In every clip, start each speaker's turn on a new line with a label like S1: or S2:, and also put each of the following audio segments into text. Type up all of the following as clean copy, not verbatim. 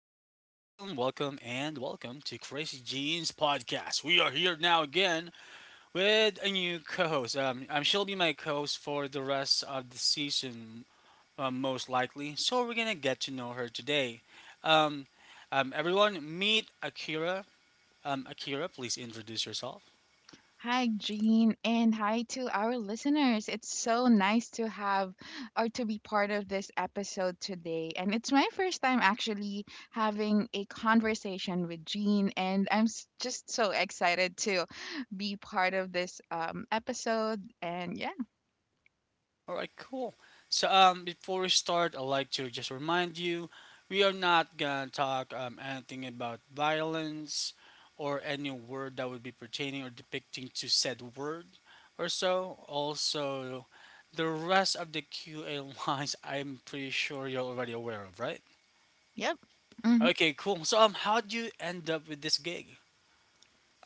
S1: and welcome to Crazy Jeans Podcast. We are here now again with a new co-host. She'll be my co-host for the rest of the season, most likely. So we're gonna get to know her today. Um, Everyone, meet Akira. Akira, please introduce yourself.
S2: Hi, Jean, and hi to our listeners. It's so nice to have or to be part of this episode today. And it's my first time actually having a conversation with Jean, and just so excited to be part of this episode. And yeah,
S1: All right, cool. So, before we start, I'd like to just remind you we are not gonna talk anything about violence or any word that would be pertaining or depicting to said word or so. Also, the rest of the QA lines, I'm pretty sure you're already aware of, right?
S2: yep. Hmm.
S1: Okay, cool. So, how'd you end up with this gig?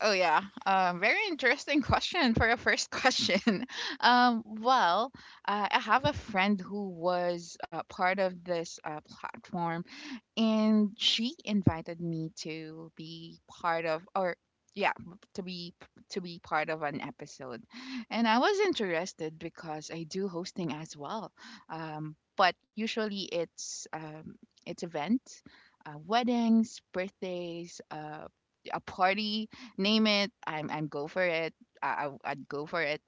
S2: Oh, yeah. Very interesting question for a first question. um, well, I have a friend who was part of this platform, and she invited me to be part of, or, yeah, to be to be part of an episode. And I was interested because I do hosting as well. But usually it's, it's events, weddings, birthdays, a party. Name it, I'm go for it. I'd go for it.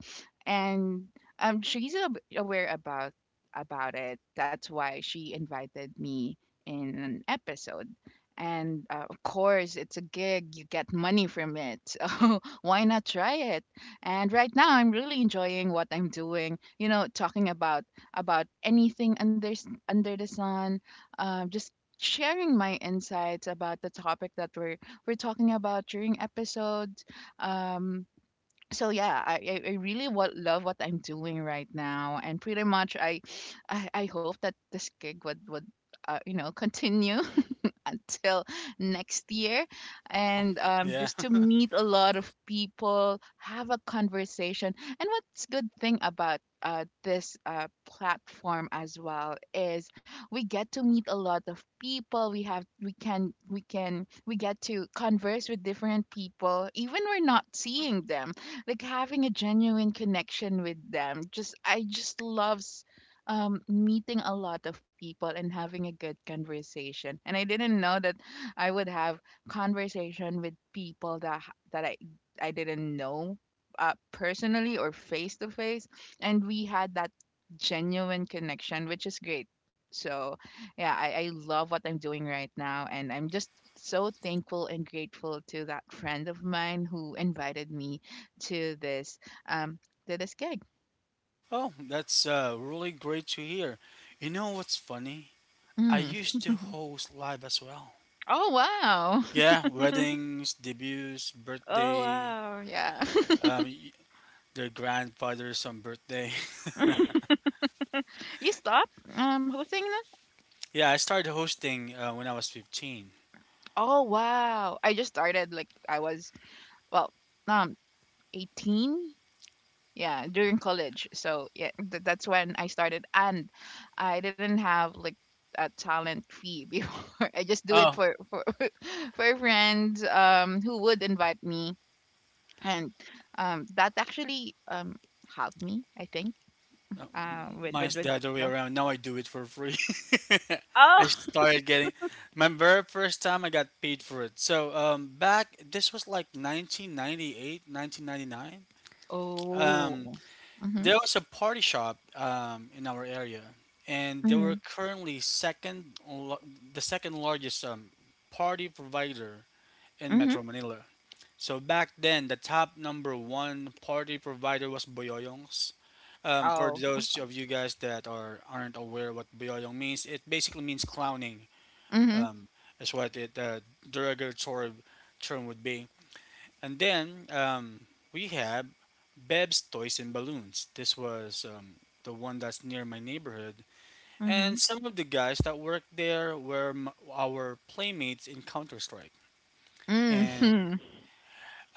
S2: And aware about it, that's why she invited me in an episode. And of course, it's a gig, you get money from it. So why not try it? And right now, I'm really enjoying what I'm doing, you know, talking about anything under the sun, just sharing my insights about the topic that we're talking about during episodes. Um, so yeah, I really what love what I'm doing right now. And pretty much I hope that this gig would, continue until next year.
S1: Oh,
S2: And
S1: yeah.
S2: just to meet a lot of people, have a conversation. And what's good thing about this platform as well is, we get to meet a lot of people, we have we can we can we get to converse with different people even we're not seeing them, like having a genuine connection with them. Just love meeting a lot of people and having a good conversation. And I didn't know that I would have conversation with people that I didn't know personally or face to face. And we had that genuine connection, which is great. So yeah, I love what I'm doing right now, and I'm just so thankful and grateful to that friend of mine who invited me to this, um to this gig.
S1: Oh, that's really great to hear. You know what's funny? I
S2: Mm.
S1: used to host live as well.
S2: Oh wow.
S1: Yeah, weddings, debuts,
S2: Oh
S1: birthday,
S2: wow, yeah.
S1: um, y- their grandfather's on birthday.
S2: You stop hosting that?
S1: Yeah, I started hosting when I was 15.
S2: Oh wow. I just started like I was, well, um 18. Yeah, during college. So yeah, that's when I started. And I didn't have like a talent fee before. I just do it
S1: Oh,
S2: for for friends who would invite me, and that actually helped me, I think.
S1: uh, mine's
S2: With
S1: the other way
S2: go.
S1: around. Now I do it for free. I
S2: Oh.
S1: started getting my very first time I got paid for it. So back this was like 1998, 1999. Um.
S2: Oh. Mhm.
S1: There was a party shop in our area, and they were
S2: Mhm.
S1: currently second, the second largest party provider in
S2: Mhm.
S1: Metro Manila. So back then, the top number one party provider was Boyoyong's. For
S2: Oh.
S1: those of you guys that are aren't aware what Boyoyong means, it basically means clowning.
S2: Mhm.
S1: Um, is what it derogatory term would be. And then we have Beb's Toys and Balloons. This was the one that's near my neighborhood. And
S2: Mhm.
S1: some of the guys that worked there were our playmates in Counter Strike. And
S2: Mhm.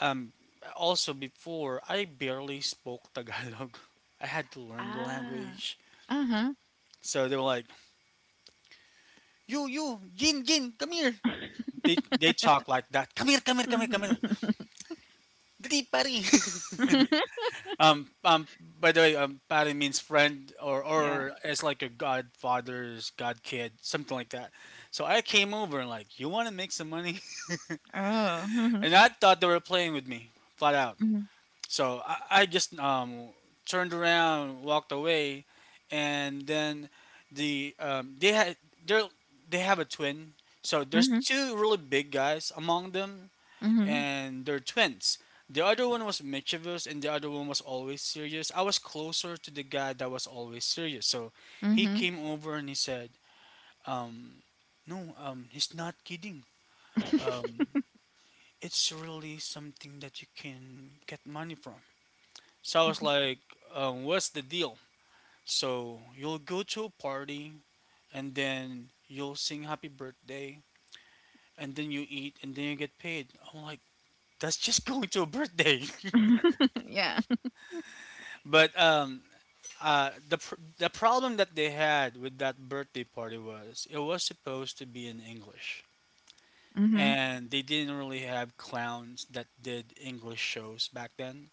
S1: um, also before, I barely spoke Tagalog. I had to learn the
S2: Ah.
S1: language.
S2: Mhm.
S1: So they were like, You, Jin, Jin, come here." They talk like that. Come here, come here, come here, come here.
S2: Mhm.
S1: Dali, pari. Um, um, by the way, pare means friend, or,
S2: Yeah.
S1: or it's like a godfather's god kid, something like that. So I came over and like, you want to make some money?
S2: Oh. Mhm.
S1: And I thought they were playing with me, flat out.
S2: Mhm.
S1: So I just turned around, walked away, and then they had, they they have a twin. So there's
S2: Mhm.
S1: two really big guys among them,
S2: Mhm.
S1: and they're twins. The other one was mischievous and the other one was always serious. I was closer to the guy that was always serious. So he
S2: Mhm.
S1: came over and he said, um, no, he's not kidding. Um, it's really something that you can get money from. So I was
S2: Mhm.
S1: like, what's the deal? So you'll go to a party and then you'll sing happy birthday and then you eat and then you get paid. I'm like, that's just going to a birthday.
S2: Yeah.
S1: But the problem that they had with that birthday party was it was supposed to be in English,
S2: Mhm.
S1: and they didn't really have clowns that did English shows back then,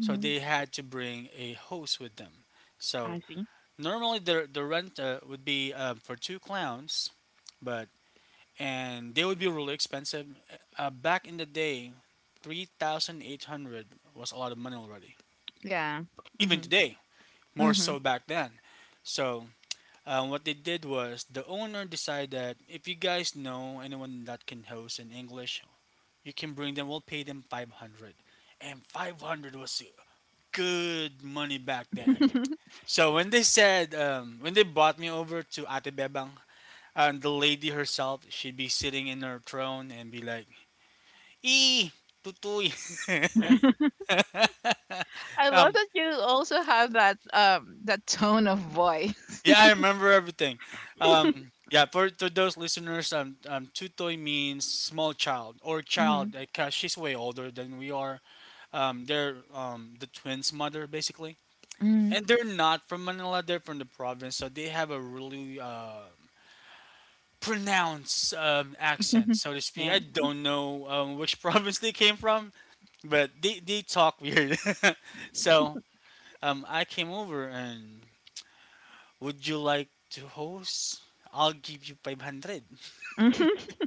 S1: so they had to bring a host with them. So
S2: I see.
S1: normally the rent would be for two clowns, but and they would be really expensive. Back in the day, 3,800 was a lot of money already.
S2: Yeah.
S1: Even
S2: Mhm.
S1: today, more
S2: Mhm.
S1: so back then. So what they did was the owner decided that if you guys know anyone that can host in English, you can bring them. We'll pay them five hundred, and five hundred was good money back then. So when they said when they brought me over to Ate Bebang, and the lady herself, she'd be sitting in her throne and be like, "Ee tutuy."
S2: I love
S1: um,
S2: that you also have that that tone of voice.
S1: Yeah, I remember everything. Um, yeah, for those listeners, tutoy means small child or child
S2: Mhm.
S1: because she's way older than we are. They're the twins' mother, basically.
S2: Mhm. Mhm.
S1: And they're not from Manila, they're from the province, so they have a really pronounced accent, so to speak. I
S2: Yeah.
S1: don't know which province they came from, but they talk weird. So I came over and would you like to host? I'll give you 500.
S2: Mhm.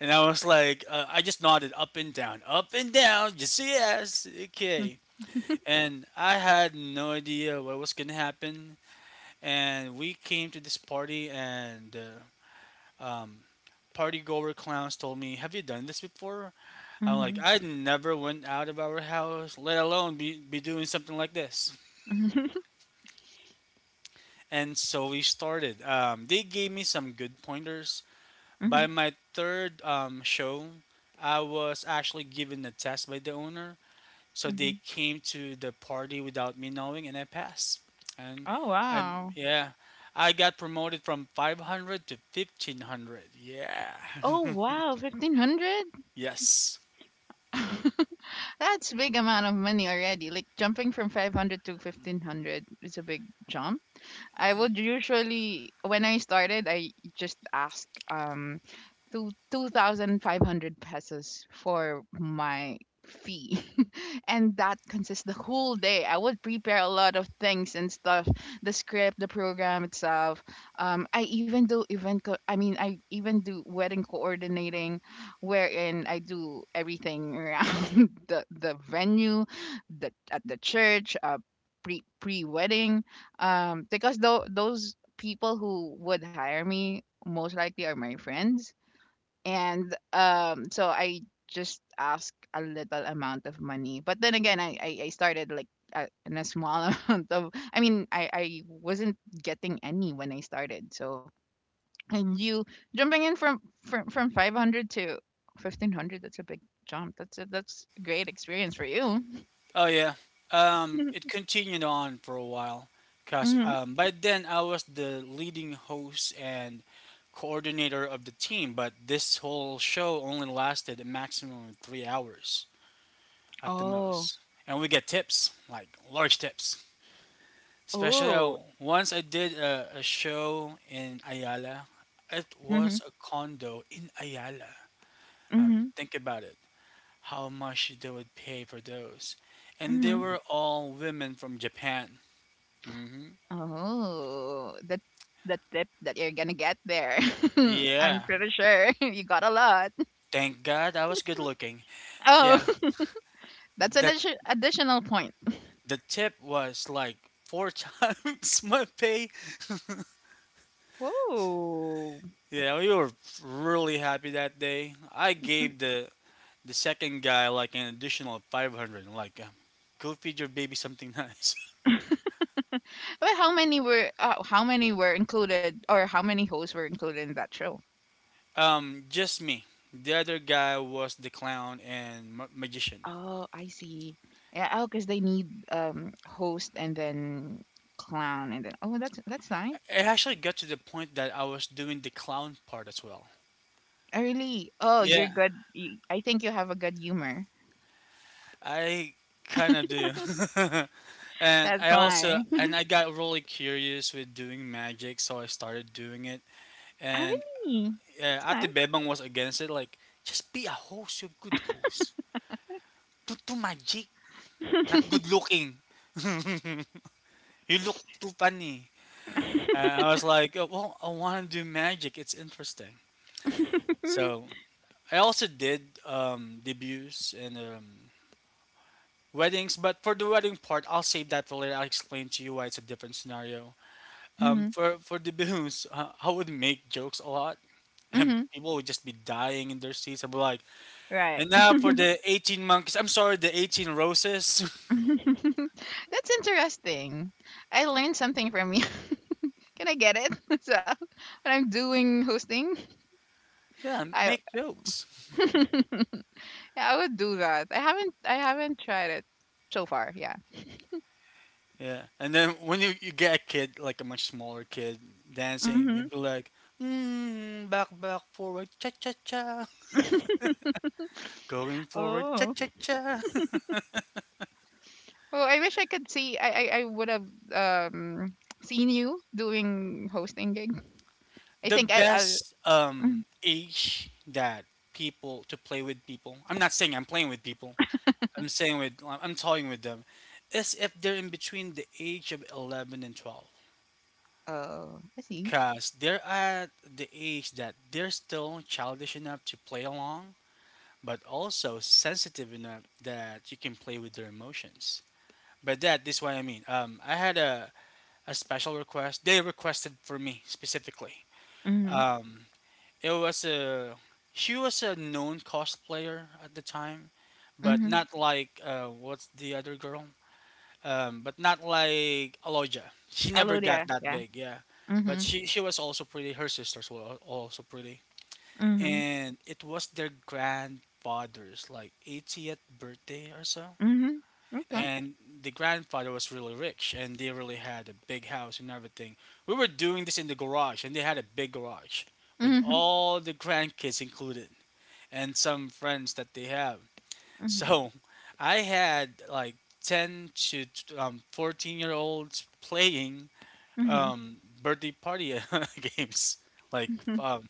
S1: And I was like, I just nodded up and down, just yes, okay. And I had no idea what was going to happen. And we came to this party, and um, party goer clowns told me, have you done this before? I'm like,
S2: Mhm.
S1: I never went out of our house, let alone be doing something like this.
S2: Mhm.
S1: And so we started. They gave me some good pointers. By
S2: Mhm.
S1: my third show, I was actually given a test by the owner. So they
S2: Mhm.
S1: came to the party without me knowing, and I passed. And
S2: Oh
S1: I,
S2: wow.
S1: yeah, I got promoted from 500 to 1500. Yeah.
S2: Oh wow, 1500?
S1: Yes.
S2: That's big amount of money already. Like jumping from 500 to 1500 is a big jump. I would usually, when I started, I just ask um 2,500 pesos for my fee, and that consists the whole day. I would prepare a lot of things and stuff, the script, the program itself. I even do event co- I mean I even do wedding coordinating, wherein I do everything around the venue, the, at the church, pre wedding, because though those people who would hire me most likely are my friends, and so I just ask a little amount of money. But then again, I started like, in a small amount of. I mean, I wasn't getting any when I started. So, and you jumping in from 500 to 1500, that's a big jump. That's a great experience for you.
S1: Oh, yeah. It continued on for a while. Cause
S2: Hmm.
S1: by then I was the leading host and coordinator of the team, but this whole show only lasted a maximum of 3 hours, at the
S2: Oh.
S1: most. And we get tips, like large tips. Especially
S2: Oh.
S1: once I did a show in Ayala. It
S2: Hmm.
S1: was a condo in Ayala.
S2: Hmm.
S1: Think about it. How much they would pay for those. And they
S2: Hmm.
S1: were all women from Japan. Hmm.
S2: Oh, that's the tip that you're gonna get there. I'm
S1: Yeah.
S2: pretty sure you got a lot.
S1: Thank God I was good looking. Yeah.
S2: Oh, that's an
S1: That
S2: additional point.
S1: the tip was like four times my pay.
S2: Whoa.
S1: Yeah, we were really happy that day. I gave the second guy like an additional 500. Like, go feed your baby something nice.
S2: But how many were included, or how many hosts were included in that show?
S1: Just me. The other guy was the clown and magician.
S2: Oh, I see. Yeah, oh, because they need host and then clown, and then oh, that's nice.
S1: It actually got to the point that I was doing the clown part as well.
S2: Oh, really? Oh, you're
S1: Yeah,
S2: good. You, I think you have a good humor.
S1: I kind of do. and
S2: That's
S1: I also
S2: why.
S1: and I got really curious with doing magic, so I started doing it.
S2: Oh,
S1: And
S2: really? That's.
S1: Ate Bebang was against it, like just be a host, you're a good host. Don't do magic. Not good looking. You look too funny. And I was like, oh, well, I want to do magic. It's interesting. So I also did debuts and weddings, but for the wedding part, I'll save that for later. I'll explain to you why it's a different scenario. Um,
S2: Mhm,
S1: for for debuts, I would make jokes a lot, and
S2: mhm.
S1: people would just be dying in their seats. I'd be like,
S2: Right.
S1: and now for the 18 monkeys. I'm sorry, the 18 roses.
S2: That's interesting. I learned something from you. Can I get it? So when I'm doing hosting,
S1: Yeah,
S2: I,
S1: make jokes.
S2: yeah, I would do that. I haven't tried it so far. Yeah.
S1: Yeah, and then when you get a kid, like a much smaller kid, dancing,
S2: Hmm.
S1: you'd be like, mm, back, back, forward, cha cha cha, going forward, cha
S2: Oh.
S1: cha cha.
S2: Well, I wish I could see. I would have um seen you doing hosting gig. I
S1: The
S2: think I. I.
S1: best
S2: Mm.
S1: age that people to play with people. I'm not saying I'm playing with people. I'm saying with I'm talking with them, is if they're in between the age of 11 and 12,
S2: Oh, I see.
S1: cause they're at the age that they're still childish enough to play along but also sensitive enough that you can play with their emotions. But that this is what I mean. I had a special request. They requested for me specifically.
S2: Mm-hmm.
S1: Um, it was a she was a known cosplayer at the time, but
S2: Mm-hmm.
S1: not like what's the other girl? But not like Aloja. She
S2: I'll
S1: never
S2: do
S1: got
S2: that.
S1: that
S2: Yeah.
S1: big. Yeah, but
S2: Mhm,
S1: she was also pretty. Her sisters were also pretty,
S2: mhm,
S1: and it was their grandfather's like 80th birthday or so,
S2: mhm. Okay.
S1: and the grandfather was really rich, and they really had a big house and everything. We were doing this in the garage, and they had a big garage with
S2: Mhm,
S1: all the grandkids included and some friends that they have.
S2: mhm,
S1: So I had like 10 to 14-year-olds playing
S2: mhm.
S1: um, birthday party games like um,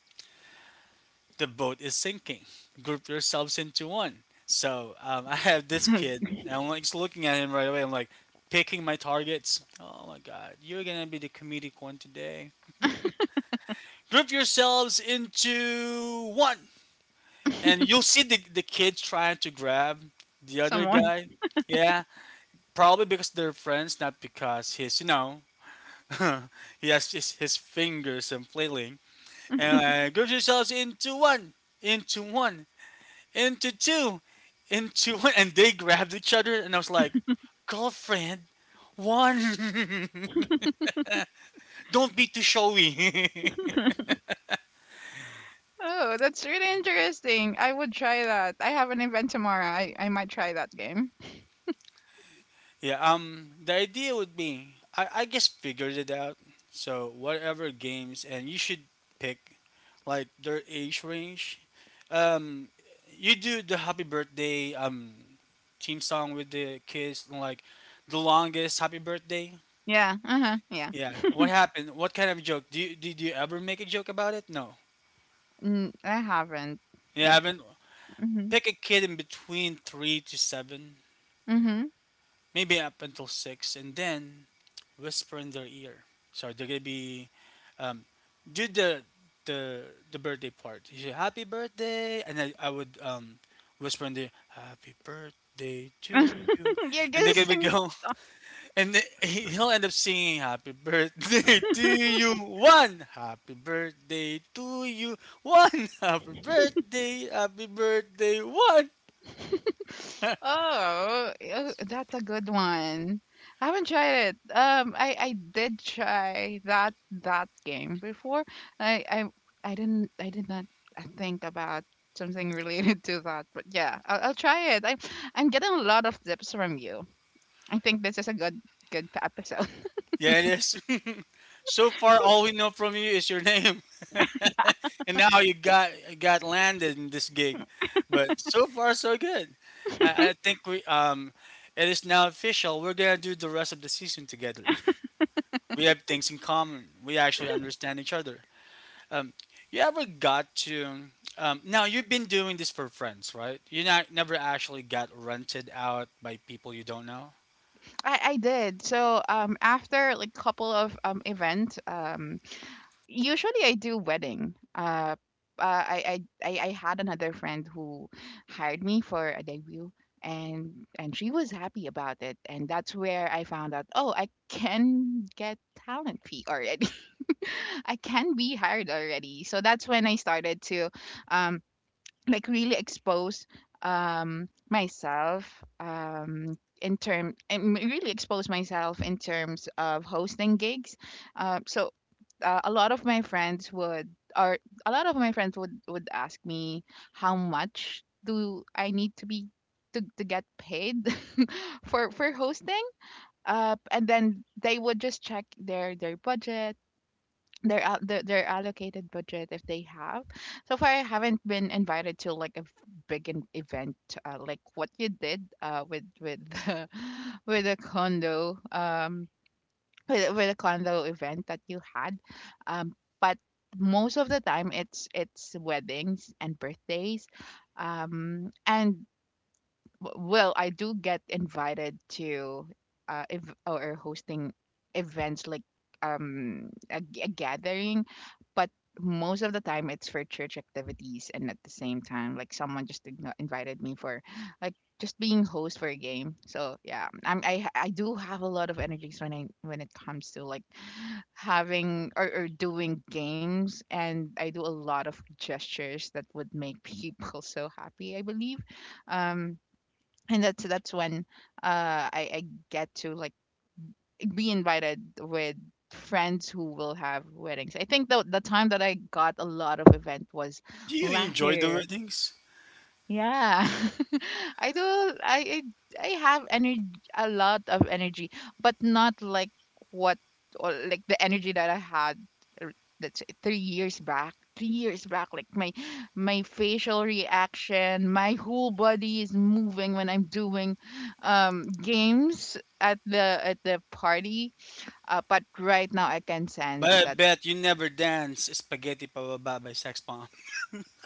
S1: the boat is sinking. Group yourselves into one. So I have this kid, and I'm like just looking at him right away. I'm like picking my targets. Oh my god, you're gonna be the comedic one today. Group yourselves into one, and you'll see the kid trying to grab the other
S2: Someone.
S1: guy. Yeah, probably because they're friends, not because he's. He has his fingers and flailing. And group yourselves into one, into one, into two, into one, and they grabbed each other, and I was like, girlfriend, one, don't be too showy.
S2: Oh, that's really interesting. I would try that. I have an event tomorrow. I might try that game.
S1: Yeah, the idea would be, I guess figured it out. So whatever games, and you should pick like their age range. Um, you do the happy birthday team song with the kids, like the longest happy birthday.
S2: Yeah. Uh huh. Yeah.
S1: Yeah. What happened? What kind of joke? Did you ever make a joke about it? No.
S2: Mm, I haven't.
S1: Yeah,
S2: Yeah.
S1: I've been
S2: Mhm.
S1: pick a kid in between three to seven,
S2: Mhm.
S1: maybe up until six, and then whisper in their ear. So they're gonna be, um, do the the birthday part. You say happy birthday, and I would whisper in the happy birthday to you,
S2: You're
S1: and they're gonna be
S2: guessing.
S1: go, and he'll end up singing happy birthday to you one, happy birthday to you one, happy birthday one.
S2: Oh, oh, that's a good one. I haven't tried it. I did try that game before. I I I didn't, I did not, think about something related to that, but yeah, I'll try it. I'm getting a lot of tips from you. I think this is a good, good episode.
S1: Yeah, it is. So far, all we know from you is your name, and now you got landed in this gig. But so far, so good. I think we, it is now official. We're gonna do the rest of the season together. We have things in common. We actually understand each other. Um, you ever got to? Now you've been doing this for friends, right? You not never actually got rented out by people you don't know.
S2: I did. So after like couple of events, usually I do wedding. I had another friend who hired me for a debut, and she was happy about it, and that's where I found out. Oh, I can get talent fee already. I can be hired already. So that's when I started to, um, like really expose myself, in term and really expose myself in terms of hosting gigs. Uh, so a lot of my friends would, or a lot of my friends would ask me how much do I need to be to get paid for hosting, and then they would just check their budget, their, al- their allocated budget if they have. So far I haven't been invited to like a big event, like what you did with the, with a condo um with a condo event that you had, um but most of the time it's weddings and birthdays, and, well, I do get invited to, if or hosting events like, a, a gathering, but most of the time it's for church activities. And at the same time, like someone just invited me for like just being host for a game. So yeah, I'm, I do have a lot of energies when I, when it comes to like having or doing games, and I do a lot of gestures that would make people so happy, I believe. Um and that's when I get to like be invited with friends who will have weddings. I think the time that I got a lot of event was
S1: Do you
S2: last
S1: enjoy the
S2: year,
S1: weddings?
S2: yeah. I do, I have energy, a lot of energy, but not like what, or like the energy that I had, uh, let's say 3 years back. 3 years back, like my facial reaction, my whole body is moving when I'm doing games at the, at the party. But right now I can
S1: But
S2: sense
S1: I
S2: that.
S1: bet you never dance Spaghetti Pababa by Sex Bomb.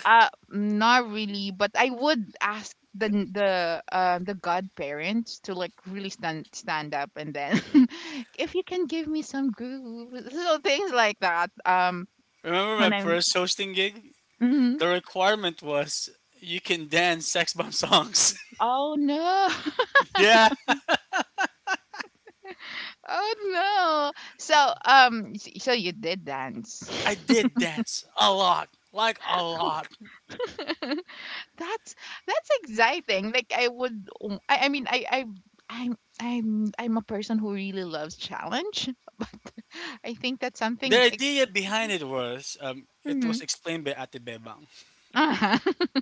S2: Not really, but I would ask the godparents to like really stand up and then if you can give me some groove, so things like that.
S1: Remember my
S2: When I'm.
S1: first hosting gig?
S2: Hmm.
S1: The requirement was you can dance Sex Bomb songs.
S2: Oh no,
S1: Yeah,
S2: oh no. So so you did dance.
S1: I did dance a lot, like a lot.
S2: That's that's exciting. Like I would I mean I I'm a person who really loves challenge, but I think that's
S1: The
S2: something
S1: idea behind it was
S2: Mhm.
S1: explained by Ate Bebang.
S2: Uh-huh.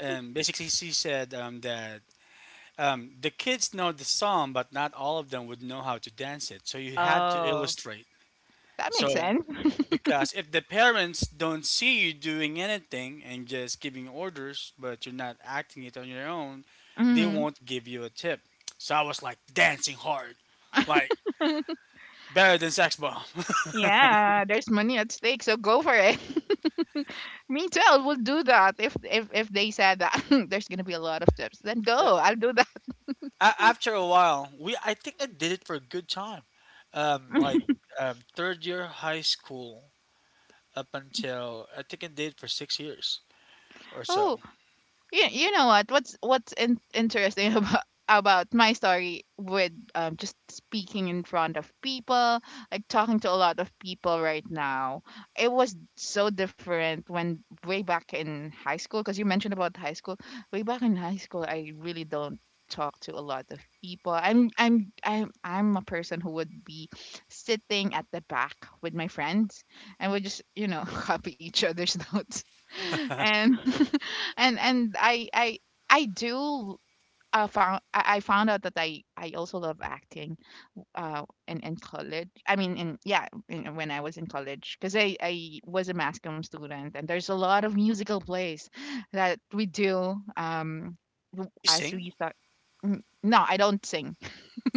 S1: And basically, she said that the kids know the song, but not all of them would know how to dance it. So you had to
S2: Oh,
S1: illustrate.
S2: that makes
S1: So
S2: sense.
S1: because if the parents don't see you doing anything and just giving orders, but you're not acting it on your own, they
S2: Hmm.
S1: won't give you a tip. So I was like dancing hard, like better than Sex Bomb.
S2: Yeah, there's money at stake, so go for it. Me too. I will do that if they said that there's gonna be a lot of tips. Then go. I'll do that.
S1: After a while, we I think I did it for a good time, like third year high school up until I think I did it for 6 years or
S2: Oh,
S1: so.
S2: you know what's interesting about my story with, just speaking in front of people, like talking to a lot of people right now. It was so different when way back in high school, because you mentioned about high school. Way back in high school, I really don't talk to a lot of people. I'm a person who would be sitting at the back with my friends, and we just copy each other's notes. And and I do found I found out that I also love acting, in college. I mean, when I was in college, because I was a mass comm student, and there's a lot of musical plays that we do,
S1: Do you
S2: as
S1: sing?
S2: we start. No, I don't sing.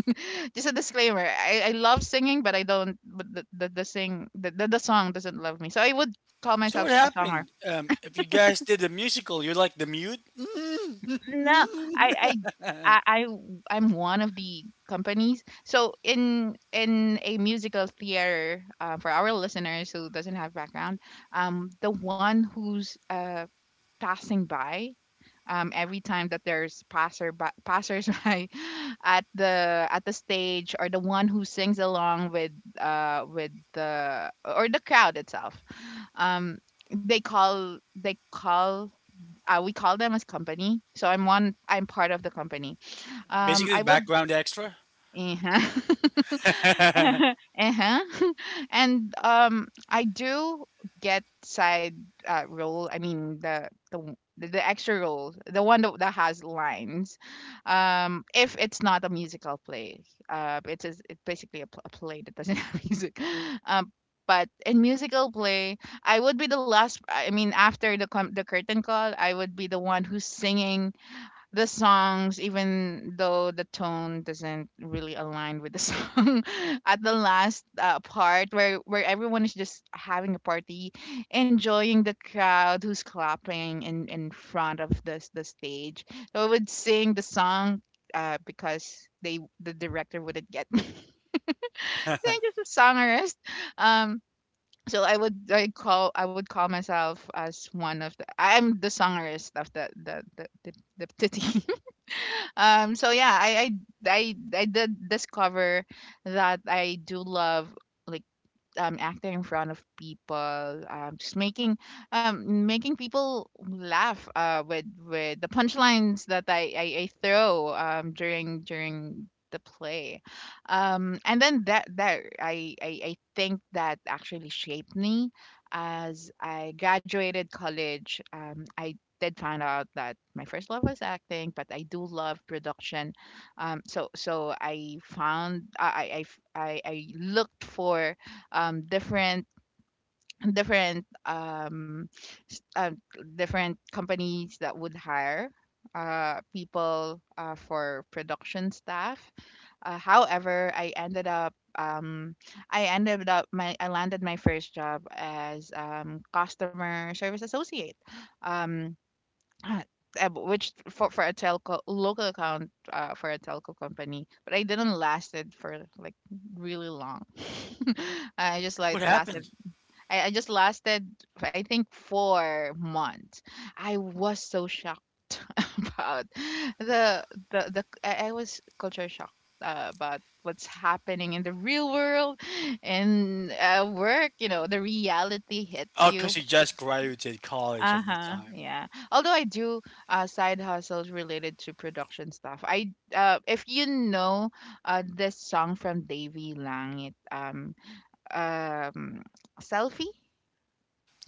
S2: Just a disclaimer. I love singing, but I don't, but the sing the song doesn't love me, so I would call
S1: So
S2: myself
S1: what
S2: a songer.
S1: happened? If you guys did a musical, you're like the mute.
S2: No, I, I, I, I w- I'm one of the companies. So, in a musical theater, for our listeners who doesn't have background, the one who's, passing by, every time that there's passersby at the stage, or the one who sings along with the crowd itself, um, they call we call them as company. So I'm part of the company.
S1: Basically,
S2: I
S1: the
S2: would.
S1: background extra.
S2: Uh-huh. Uh-huh. And, I do get side, roll. I mean the extra roll, the one that has lines. If it's not a musical play. It's basically a play that doesn't have music. Um but in musical play, I would be the last I mean, after the curtain call, I would be the one who's singing the songs, even though the tone doesn't really align with the song, at the last, part where everyone is just having a party, enjoying the crowd who's clapping in front of the stage. So I would sing the song, because the director wouldn't get me. Thank you, just a songwriter. Um, so I would call myself as, one of the I'm the songwriter of the team. So yeah, I did discover that I do love, like, acting in front of people, just making people laugh, with the punchlines that I throw, during the play, and then that I think that actually shaped me as I graduated college. I did find out that my first love was acting, but I do love production. So I found I looked for, um different different um s- uh, different companies that would hire, people, for production staff. However, I ended up my I landed my first job as, customer service associate, um uh, which for, a telco local account, for a telco company, but I didn't last it for like really long. i just like
S1: What
S2: lasted
S1: happened?
S2: I just lasted, I think, 4 months. I was so shocked about the I was culture shocked, about what's happening in the real world and, work. The reality hits
S1: Oh, because
S2: you.
S1: he just graduated college
S2: Uh
S1: at the
S2: huh.
S1: time.
S2: Yeah. Although I do, side hustles related to production stuff. I If you know, this song from Davy Lang, it, um selfie.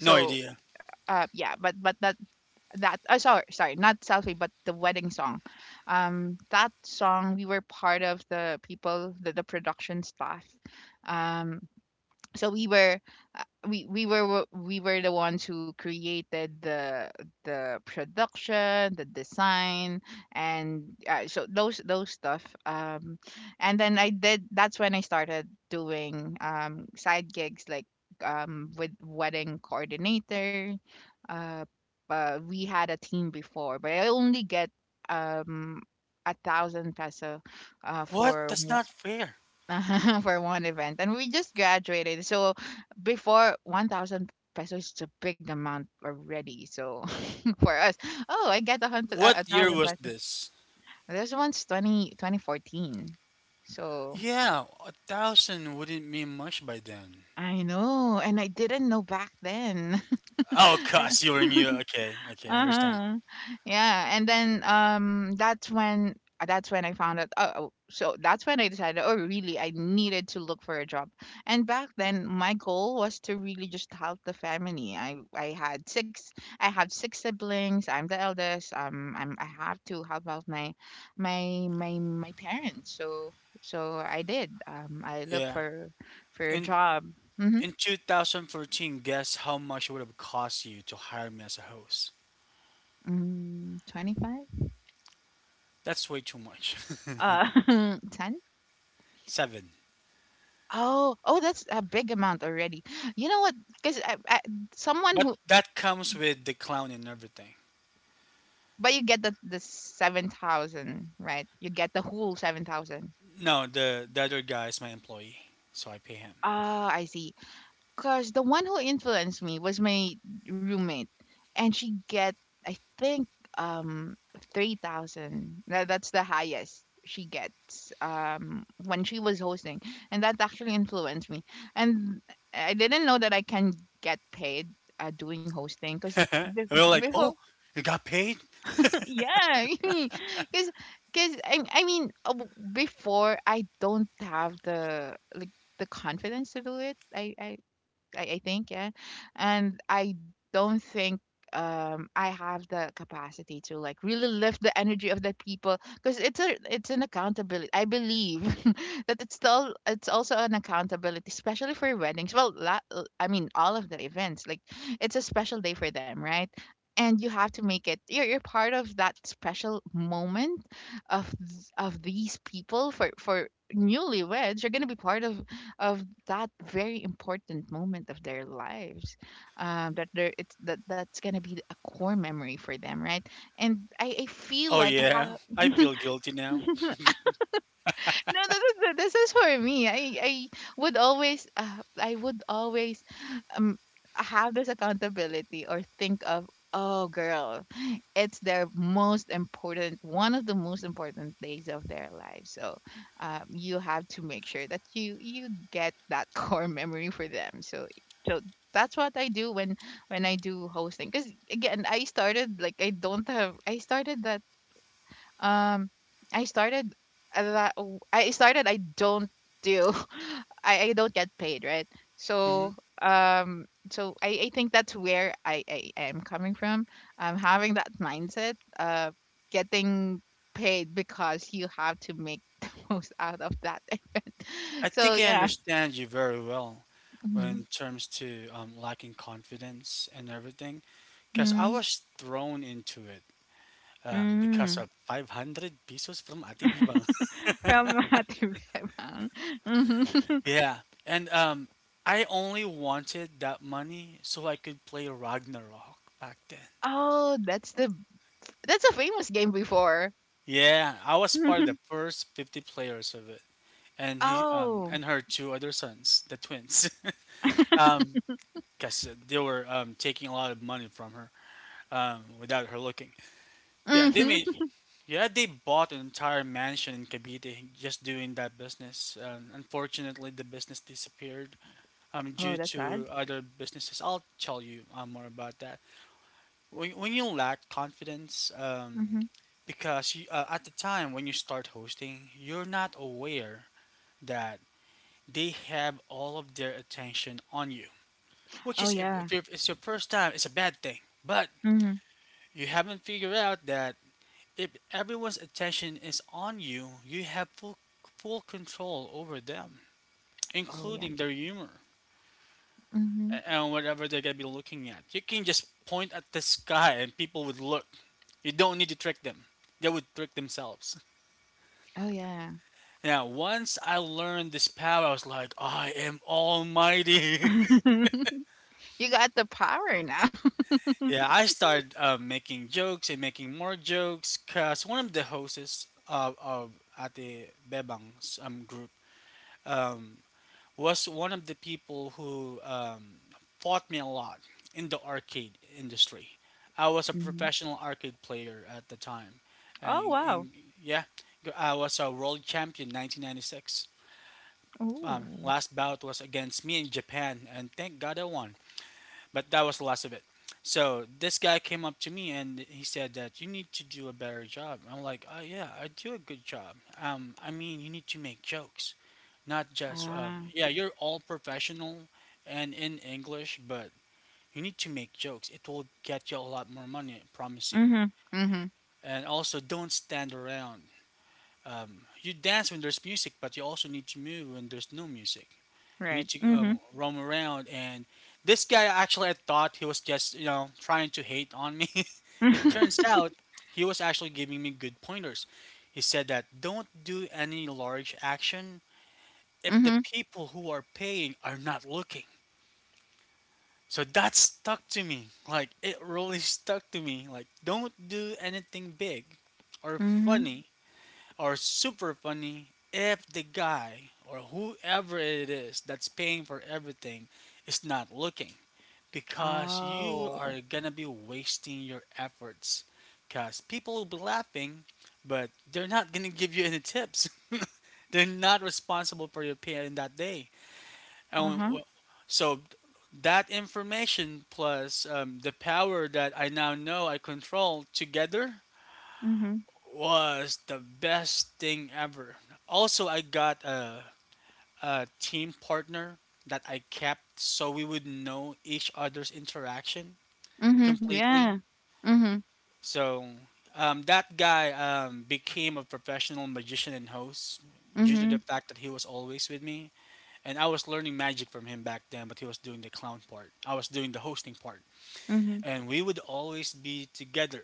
S1: No idea.
S2: yeah, but that that sorry, not selfie, but the wedding song. That song, we were part of the production staff, um so uh, we were wo- we were the ones who created the production, the design, and, so those stuff. And then, I did that's when I started doing, side gigs, like, with wedding coordinator, uh, we had a team before, but I only get, um a thousand peso,
S1: What?
S2: for
S1: That's not fair.
S2: for one event. And we just graduated, so before, 1000 pesos is a big amount already, so for us. Oh, I get a hundred a
S1: What year
S2: thousand
S1: was
S2: pesos.
S1: this?
S2: This one's, 2014. So
S1: Yeah, a thousand wouldn't mean much by then.
S2: I know, and I didn't know back then.
S1: Oh, cause you were new. Okay, okay, I understand.
S2: Uh-huh. Yeah. And then, that's when I found out, oh, oh, so that's when I decided, oh really, I needed to look for a job. And back then, my goal was to really just help the family. I have six siblings. I'm the eldest. I have to help out my parents. So I did. I looked
S1: Yeah.
S2: for a
S1: In
S2: job. Mhm.
S1: in 2014, guess how much it would have cost you to hire me as a host?
S2: Mm, 25?
S1: That's way too much.
S2: 10?
S1: Seven.
S2: Oh, oh, that's a big amount already. You know what? Because I, someone
S1: But
S2: who,
S1: that comes with the clown and everything.
S2: but you get the 7,000, right? You get the whole 7,000.
S1: No, the other guy is my employee, so I pay him.
S2: Ah, I see. Because the one who influenced me was my roommate, and she get, I think, um 3,000. That's the highest she gets, when she was hosting, and that actually influenced me. And I didn't know that I can get paid, doing hosting, because
S1: Huh? And we're like,
S2: before
S1: "Oh, you got paid?
S2: yeah because I mean, before I don't have the, like, the confidence to do it. I think, yeah. And I don't think, I have the capacity to, like, really lift the energy of the people, because it's an accountability. I believe that it's also an accountability, especially for weddings. Well, I mean, all of the events, like, it's a special day for them, right? And you have to make it. You're part of that special moment, of these people, for newlyweds. You're gonna be part of that very important moment of their lives, that they're it's that that's gonna be a core memory for them, right? And I feel
S1: Oh
S2: like I
S1: yeah,
S2: have,
S1: I feel guilty now."
S2: no, this is for me. I would always um have this accountability, or think of, oh girl, it's their most important one of the most important days of their life. So, you have to make sure that you get that core memory for them. So that's what I do when I do hosting, because again, I started, like, I don't have, I started that, um, I started at that w-, I started, I don't do I don't get paid, right?
S1: Hmm.
S2: So, um so I think that's where I am coming from. Having that mindset, getting paid, because you have to make the most out of that event.
S1: I
S2: So
S1: think I
S2: yeah.
S1: understand you very well when
S2: Mm-hmm.
S1: it terms to lacking confidence and everything, because I
S2: Hmm.
S1: was thrown into it because
S2: Mm.
S1: of 500 pesos from ATB Bank.
S2: From Ate Bebang. Mhm.
S1: Yeah, and I only wanted that money so I could play Ragnarok back then.
S2: Oh, that's a famous game before.
S1: Yeah, I was part of the
S2: Mhm.
S1: first 50 players of it, and he
S2: Oh.
S1: and her two other sons, the twins. Um, guess they were taking a lot of money from her, without her looking. Yeah, they made.
S2: Mhm.
S1: Yeah, they bought an entire mansion in Cavite just doing that business. Unfortunately, the business disappeared
S2: Oh,
S1: due
S2: that's sad.
S1: to other businesses. I'll tell you more about that. When you lack confidence,
S2: Mhm.
S1: because at the time when you start hosting, you're not aware that they have all of their attention on you. Which
S2: Oh,
S1: is,
S2: yeah.
S1: if it's your first time, it's a bad thing. But
S2: Mhm.
S1: you haven't figured out that if everyone's attention is on you, you have full control over them,
S2: Oh, yeah.
S1: including their humor
S2: Mhm.
S1: and whatever they're going to be looking at. You can just point at the sky and people would look. You don't need to trick them, they would trick themselves.
S2: Oh, yeah.
S1: Now, once I learned this power, I was like, I am almighty.
S2: You got the power now.
S1: Yeah, I started making jokes and making more jokes because one of the hosts of at Bebang's group, um, was one of the people who fought me a lot in the arcade industry. I was a
S2: Mhm.
S1: professional arcade player at the time,
S2: Oh, wow.
S1: and yeah, I was a world champion 1996.
S2: Ooh.
S1: Last bout was against me in Japan, and thank God I won. But that was the last of it. So this guy came up to me and he said that you need to do a better job. I'm like, oh yeah, I do a good job. I mean, you need to make jokes, not just
S2: Ah.
S1: yeah, you're all professional and in English, but you need to make jokes. It will get you a lot more money, I promise you.
S2: Mhm. Mhm.
S1: And also, don't stand around. You dance when there's music, but you also need to move when there's no music. You need
S2: Right.
S1: to
S2: Mhm.
S1: roam around. And this guy, actually, I thought he was just, you know, trying to hate on me. It turns out he was actually giving me good pointers. He said that don't do any large action if the
S2: Mhm.
S1: people who are paying are not looking. So that stuck to me. Like, it really stuck to me. Like, don't do anything big or
S2: Mhm.
S1: funny are super funny if the guy or whoever it is that's paying for everything is not looking because you
S2: Oh.
S1: are gonna be wasting your efforts because people will be laughing but they're not gonna give you any tips they're not responsible for your pay in that day and
S2: Uh-huh.
S1: so that information plus the power that I now know I control together
S2: Mhm.
S1: was the best thing ever. Also, I got a team partner that I kept so we would know each other's interaction
S2: Mhm. Yeah.
S1: completely.
S2: Mhm.
S1: So, that guy became a professional magician and host due to the
S2: Mhm.
S1: fact that he was always with me. And I was learning magic from him back then, but he was doing the clown part. I was doing the hosting part.
S2: Mhm.
S1: And we would always be together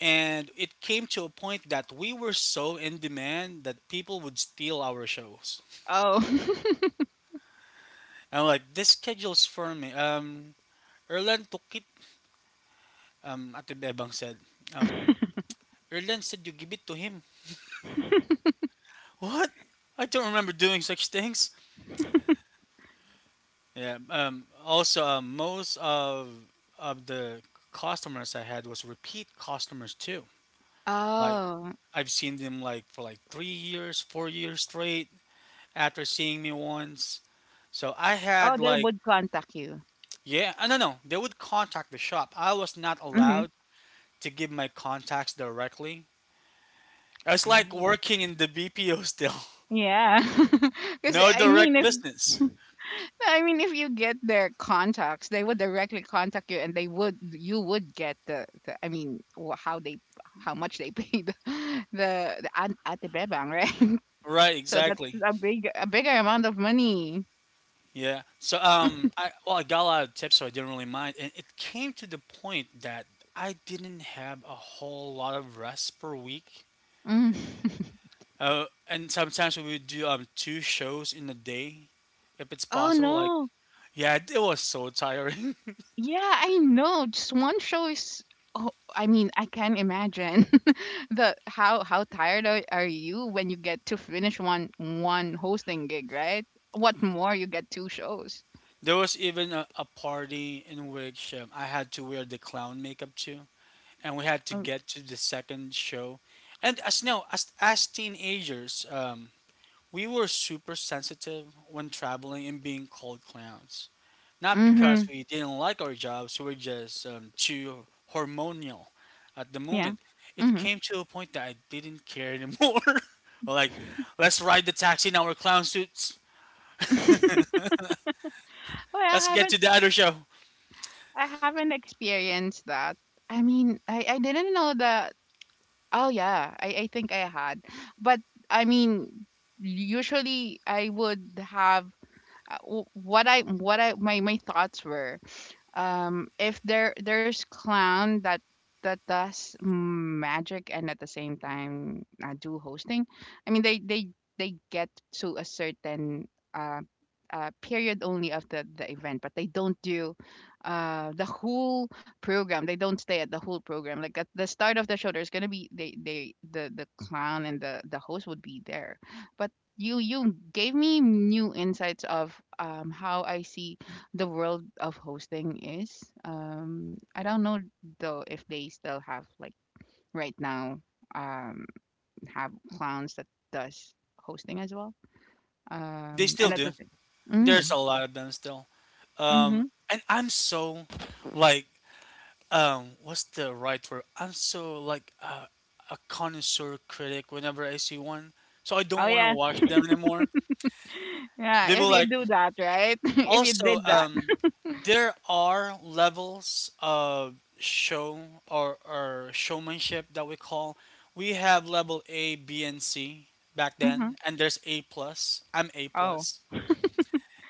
S1: And it came to a point that we were so in demand that people would steal our shows.
S2: Oh.
S1: And like, this schedule's for me. Erlan took it. Ate Bebang said, um, Erlan said you give it to him. What? I don't remember doing such things. Yeah. Also, most of the customers I had was repeat customers too. Like
S2: Oh.
S1: I've seen them like for like 3 years, 4 years straight after seeing me once. So I had
S2: Oh, they
S1: like
S2: would contact you.
S1: Yeah, no, no. They would contact the shop. I was not
S2: Mhm.
S1: allowed to give my contacts directly. It's like
S2: Oh.
S1: working in the BPO still.
S2: Yeah. Because
S1: No
S2: I
S1: direct
S2: mean, if,
S1: business.
S2: I mean, if you get their contacts, they would directly contact you, and they would you would get the, I mean, how much they paid the at Ate Bebang, right?
S1: Right,
S2: So that's
S1: exactly.
S2: a bigger amount of money.
S1: Yeah. So, I well, I got a lot of tips, so I didn't really mind. And it came to the point that I didn't have a whole lot of rest per week.
S2: Mm.
S1: And sometimes we would do two shows in a day, if it's
S2: Oh
S1: possible. Like,
S2: no.
S1: yeah, it was so tiring.
S2: Yeah, I know. Just one show is. Oh, I mean, I can imagine the how tired are you when you get to finish one hosting gig, right? What more, you get two shows.
S1: There was even a party in which I had to wear the clown makeup too, and we had to get to the second show. And as no, as teenagers, we were super sensitive when traveling and being called clowns. Not because
S2: Mm-hmm.
S1: we didn't like our jobs, we were just too hormonal at the
S2: Yeah.
S1: moment. It
S2: Mm-hmm.
S1: came to a point that I didn't care anymore. Well, like, let's ride the taxi in our clown suits.
S2: Well, I
S1: Let's get
S2: haven't
S1: to the other show.
S2: I haven't experienced that. I mean, I didn't know that. Oh yeah, I think I had. But I mean, usually I would have, what I my my thoughts were, if there's clown that does magic, and at the same time, do hosting. I mean, they get to a certain, uh, period only of the event, but they don't do the whole program. They don't stay at the whole program, like, at the start of the show, there's gonna be, the clown and the host would be there. But you gave me new insights of, how I see the world of hosting is. I don't know, though, if they still have, like, right now, um, have clowns that does hosting as well.
S1: They
S2: And
S1: still
S2: at the
S1: do.
S2: same.
S1: There's
S2: Mm,
S1: a lot of them still.
S2: mm-hmm.
S1: Um, and I'm so like what's the right word? I'm so like a connoisseur critic whenever I see one, so I
S2: Oh
S1: don't want to
S2: yeah,
S1: watch them anymore.
S2: yeah.
S1: They
S2: If
S1: will
S2: you
S1: like
S2: do that, right? If you
S1: also,
S2: did that.
S1: there are levels of show or showmanship that we call. We have level A, B, and C back
S2: Mm-hmm.
S1: then, and there's A plus. I'm A
S2: Oh.
S1: plus.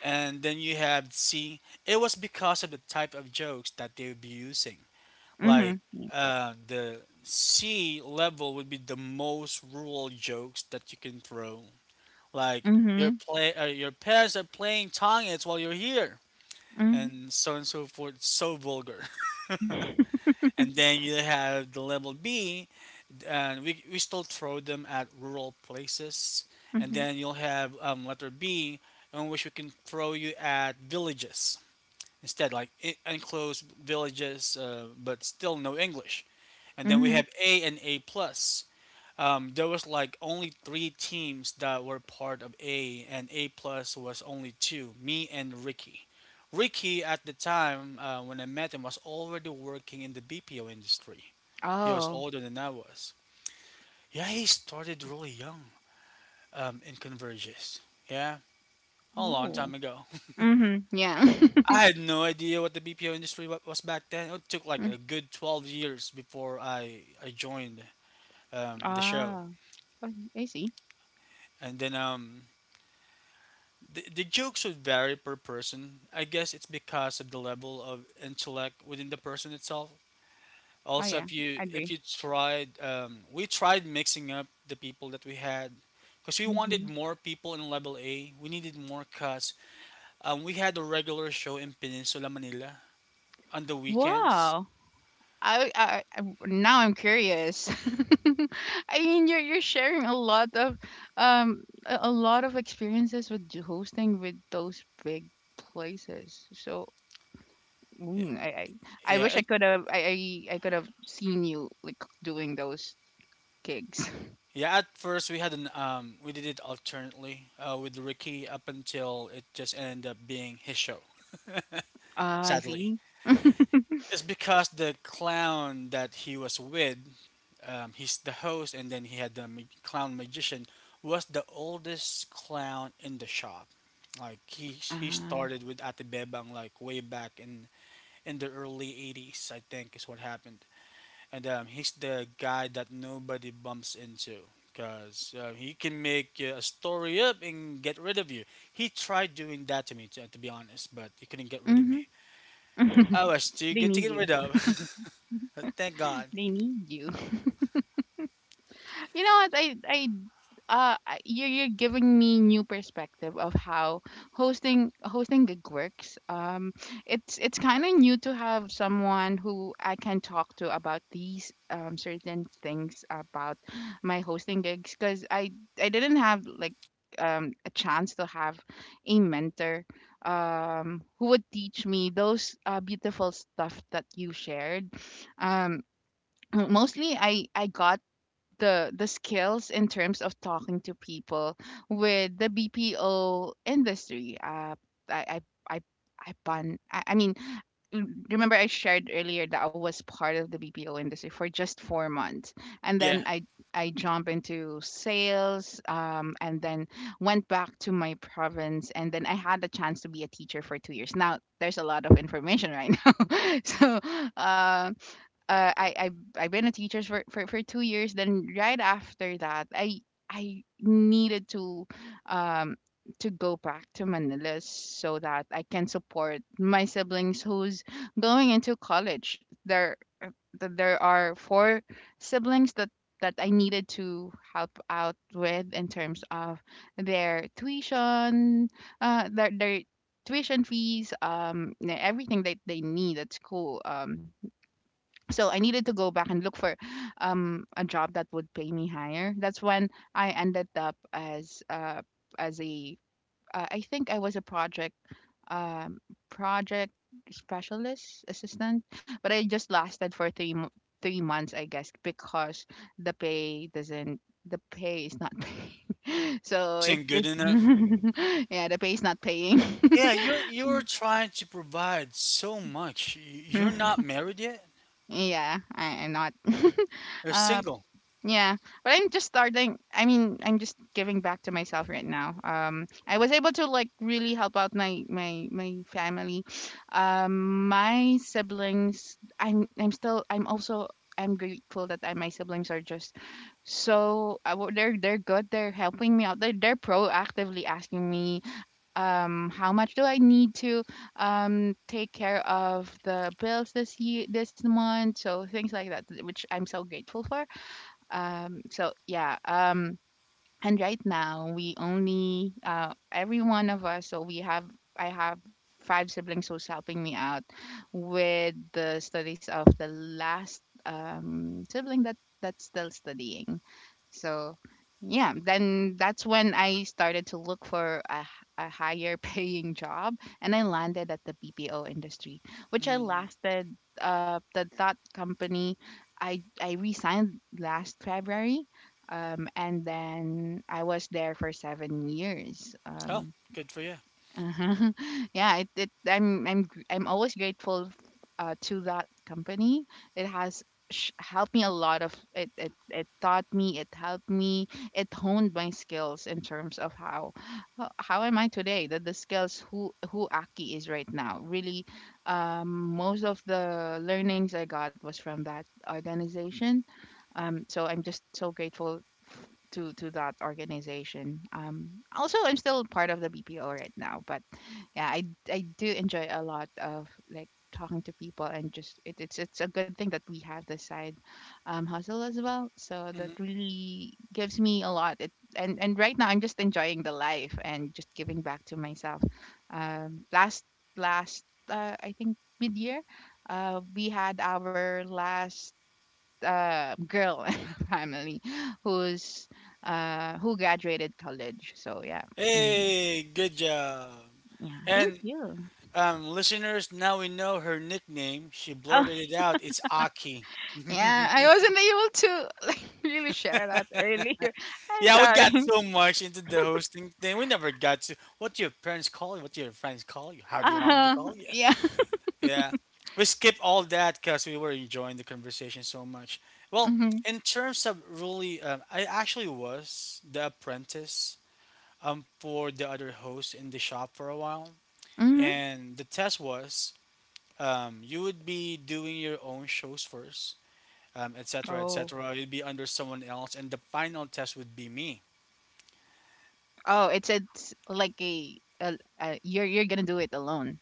S1: And then you have C. It was because of the type of jokes that they would be using. Like
S2: Mm-hmm.
S1: the C level would be the most rural jokes that you can throw. Like your
S2: Mm-hmm.
S1: play, your parents are playing tongits while you're here,
S2: Mm-hmm.
S1: and so on and so forth. So vulgar. And then you have the level B, and we still throw them at rural places. And
S2: Mm-hmm.
S1: then you'll have letter B, in which we can throw you at villages instead, like enclosed villages, but still no English. And then we
S2: Mm-hmm.
S1: have A and A plus. There was like only three teams that were part of A, and A plus was only two, me and Ricky. Ricky at the time when I met him was already working in the BPO industry. He was
S2: Oh.
S1: older than I was. Yeah, he started really young in Converges. Yeah, a long
S2: Oh.
S1: time ago.
S2: Mm-hmm. Yeah.
S1: I had no idea what the BPO industry was back then. It took like
S2: Mm.
S1: a good 12 years before I joined the show.
S2: Ah. Oh, I see.
S1: And then the jokes would vary per person. I guess it's because of the level of intellect within the person itself.
S2: Oh
S1: Also,
S2: yeah.
S1: if
S2: I
S1: you if
S2: agree.
S1: you tried, we tried mixing up the people that we had because we
S2: Mm-hmm.
S1: wanted more people in level A. We needed more cuts. We had a regular show in Peninsula, Manila on the weekends.
S2: Wow. Now I'm curious. I mean, you're sharing a lot of, a lot of experiences with, hosting, with those big places. So
S1: Yeah,
S2: mm, I, I I wish
S1: yeah.
S2: I could have I could have seen you like doing those gigs.
S1: Yeah, at first we had an we did it alternately with Ricky up until it just ended up being his show.
S2: Ah, I
S1: Sadly,
S2: see.
S1: it's because the clown that he was with, he's the host, and then he had the clown magician was the oldest clown in the shop. Like he
S2: Ah,
S1: started with Ate Bebang like way back in the early '80s, I think is what happened and he's the guy that nobody bumps into because he can make a story up and get rid of you. He tried doing that to me, to be honest, but he couldn't get rid of me.
S2: mhm.
S1: I was too
S2: They
S1: good to
S2: need
S1: get
S2: you.
S1: rid of. Thank God.
S2: They need you. You know what? You're giving me new perspective of how hosting gig works. It's kind of new to have someone who I can talk to about these certain things about my hosting gigs, because I didn't have like a chance to have a mentor who would teach me those beautiful stuff that you shared. um Mostly I got the skills in terms of talking to people with the BPO industry. I I I I bun. I mean, m- Remember I shared earlier that I was part of the BPO industry for just 4 months, and then
S1: Yeah,
S2: I jump into sales, and then went back to my province, and then I had a chance to be a teacher for 2 years. Now there's a lot of information right now, so um, uh, I I I've been a teacher for, for 2 years. Then right after that, I needed um to go back to Manila so that I can support my siblings who's going into college. There there are four siblings that that I needed to help out with in terms of their tuition, their tuition fees, everything that they need at school. So I needed to go back and look for a job that would pay me higher. That's when I ended up as a I think I was a project um, project specialist assistant, but I just lasted for 3 months, I guess, because the pay doesn't the pay is not paying.
S1: I
S2: So it,
S1: wasn't good
S2: it
S1: enough.
S2: yeah, the pay is not paying.
S1: Yeah, you're trying to provide so much. You're not married yet.
S2: Yeah, I, I'm not.
S1: You're
S2: Uh,
S1: single.
S2: yeah, but I'm just starting. I mean, I'm just giving back to myself right now. I was able to like really help out my my family. My siblings. I'm still. I'm also. I'm grateful that my siblings are just so they're good. They're helping me out. They're proactively asking me how much do I need to take care of the bills this year this month. So things like that, which I'm so grateful for. Yeah, and right now we only every one of us so we have I have five siblings who's helping me out with the studies of the last sibling that that's still studying. So yeah, then that's when I started to look for a higher paying job, and I landed at the BPO industry, which I
S1: Mm.
S2: lasted. The that company, I resigned last February, and then I was there for 7 years.
S1: Oh, good for you.
S2: Uh-huh. Yeah, I'm I'm always grateful to that company. It helped me a lot of it. It taught me. It helped me. It honed my skills in terms of how am I today. That the skills who Aki is right now. Really, um, most of the learnings I got was from that organization. I'm just so grateful f- to that organization. Also, I'm still part of the BPO right now, but yeah, I do enjoy a lot of like talking to people, and just it's a good thing that we have this side hustle as well. So that
S1: Hmm.
S2: really gives me a lot. It And right now I'm just enjoying the life and just giving back to myself. Last last I think mid year, we had our last girl in the family who's who graduated college. So yeah, mm,
S1: Hey, good job.
S2: yeah. Thank
S1: And,
S2: you.
S1: Listeners, now we know her nickname. She
S2: Oh,
S1: blurted it out. It's Aki.
S2: yeah, I wasn't able to like really share that earlier. I'm
S1: Yeah, we got
S2: sorry.
S1: so much into the hosting thing. We never got to what do your parents call you, what do your friends call you, how do you want me to
S2: Uh,
S1: call you?
S2: yeah.
S1: Yeah, we skipped all that because we were enjoying the conversation so much. Well,
S2: Mhm.
S1: in terms of really, I actually was the apprentice for the other host in the shop for a while,
S2: Mhm.
S1: and the test was you would be doing your own shows first etc.,
S2: Oh.
S1: etc. You'd be under someone else, and the final test would be me.
S2: Oh, it's like a you're gonna do it alone.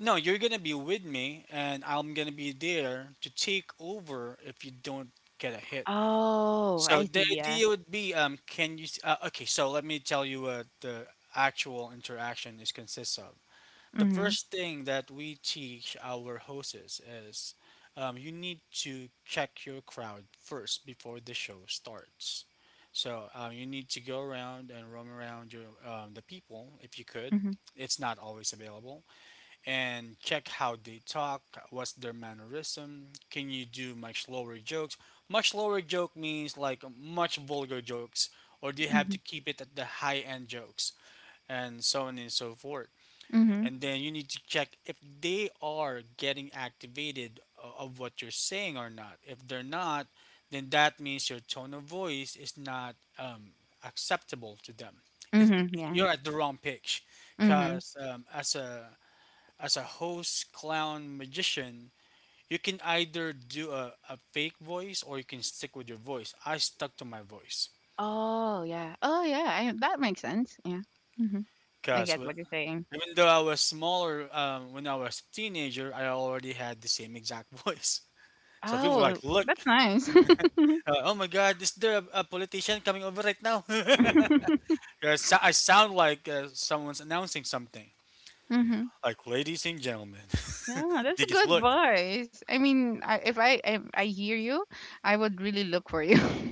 S1: No, you're gonna be with me, and I'm gonna be there to take over if you don't get a hit.
S2: Oh,
S1: So
S2: I see.
S1: the
S2: Yeah.
S1: idea would be, can you? Okay, so let me tell you what the actual interaction is consists of. The
S2: Mhm.
S1: first thing that we teach our hosts is you need to check your crowd first before the show starts. So you need to go around and roam around your the people if you could.
S2: Mhm.
S1: It's not always available, and check how they talk. What's their mannerism? Can you do much lower jokes? Much lower joke means like much vulgar jokes, or do you have to
S2: Mhm.
S1: keep it at the high end jokes and so on and so forth.
S2: Mhm.
S1: And then you need to check if they are getting activated of what you're saying or not. If they're not, then that means your tone of voice is not acceptable to them. it's,
S2: Mhm. Yeah.
S1: you're at the wrong pitch
S2: Mhm.
S1: because as a host clown magician you can either do a fake voice or you can stick with your voice. I stuck to my voice
S2: Oh, yeah. Oh, yeah, I that makes sense, yeah. Mhm. I
S1: because
S2: get what you're saying.
S1: even though I was smaller when I was a teenager, I already had the same exact voice. So people
S2: Oh,
S1: like look,
S2: that's nice.
S1: oh my God, is there a politician coming over right now? Yeah, I sound like someone's announcing something.
S2: Mhm.
S1: Like ladies and gentlemen,
S2: Yeah, that's
S1: they
S2: a
S1: just
S2: good
S1: look.
S2: voice. I mean, I if I hear you, I would really look for you.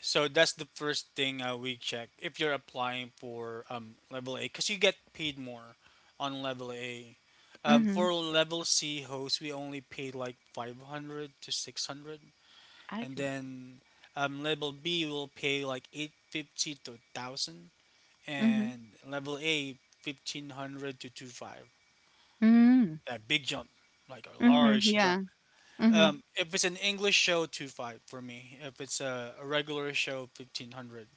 S1: So that's the first thing we check if you're applying for level A, because you get paid more on level A. Um,
S2: Mhm.
S1: for level C hosts, we only paid like 500 to 600,
S2: I
S1: and
S2: see.
S1: then level B will pay like 850 to 1,000.
S2: Mhm.
S1: And level A 1500 to two five.
S2: Mm.
S1: That big jump, like a
S2: Mhm.
S1: large
S2: Yeah.
S1: jump.
S2: Mhm.
S1: If it's an English show, two five for me. If it's a regular show, 1500.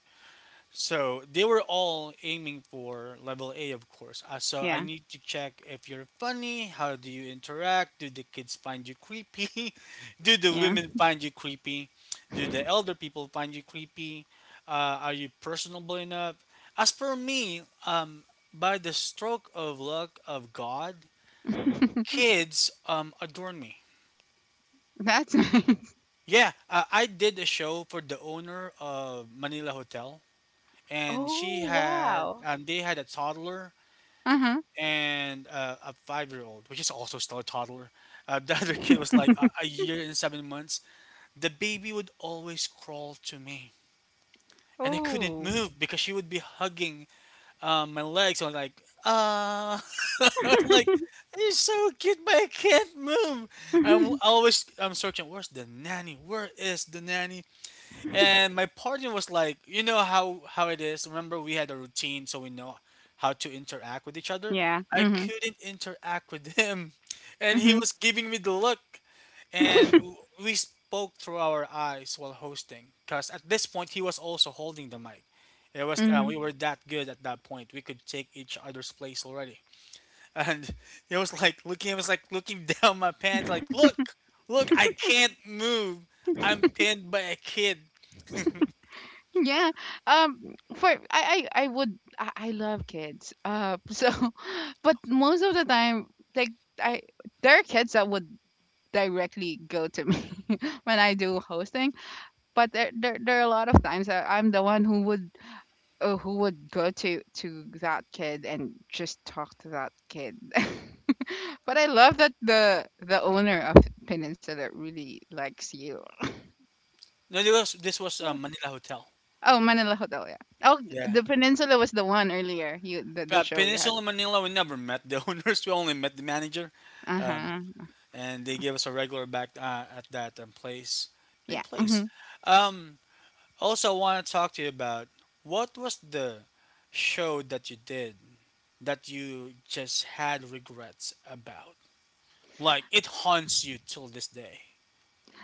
S1: So they were all aiming for level A, of course. So I
S2: Yeah.
S1: need to check if you're funny. How do you interact? Do the kids find you creepy? Do the
S2: Yeah.
S1: women find you creepy? Do the elder people find you creepy? Are you personable enough? As for me, by the stroke of luck of God, kids adorn me.
S2: That's nice.
S1: Yeah, I did a show for the owner of Manila Hotel, and she
S2: Oh,
S1: had
S2: wow.
S1: they had a toddler
S2: Uh-huh.
S1: and a 5-year old, which is also still a toddler. The other kid was like a year and 7 months. The baby would always crawl to me, and I couldn't
S2: Oh.
S1: move because she would be hugging my legs. I was like, ah, like you're so cute, but I can't move. I'm searching. Where's the nanny? Where is the nanny? And my partner was like, you know how it is. Remember, we had a routine, so we know how to interact with each other.
S2: Yeah.
S1: I
S2: Mhm.
S1: couldn't interact with him, and he
S2: Mhm.
S1: was giving me the look, and we spoke through our eyes while hosting. Cause at this point, he was also holding the mic. It was we
S2: Mhm.
S1: were that good at that point. We could take each other's place already, and it was like looking. It was like looking down my pants. Like, look, look, I can't move. I'm pinned by a kid.
S2: Yeah. For I would I love kids. Uh, so but most of the time, like, I there are kids that would directly go to me. When I do hosting, but there are a lot of times that I'm the one who would go to that kid and just talk to that kid. But I love that the owner of Peninsula really likes you.
S1: No, this was a Manila hotel.
S2: Oh, Manila Hotel, yeah. Oh,
S1: Yeah.
S2: the Peninsula was the one earlier. You the show you had.
S1: Peninsula Manila, we never met the owners. We only met the manager.
S2: Uh
S1: Um,
S2: huh.
S1: and they gave us a regular back at that place. Big
S2: Yeah.
S1: place.
S2: Hmm.
S1: Um, also, I want to talk to you about what was the show that you did that you just had regrets about? Like, it haunts you till this day.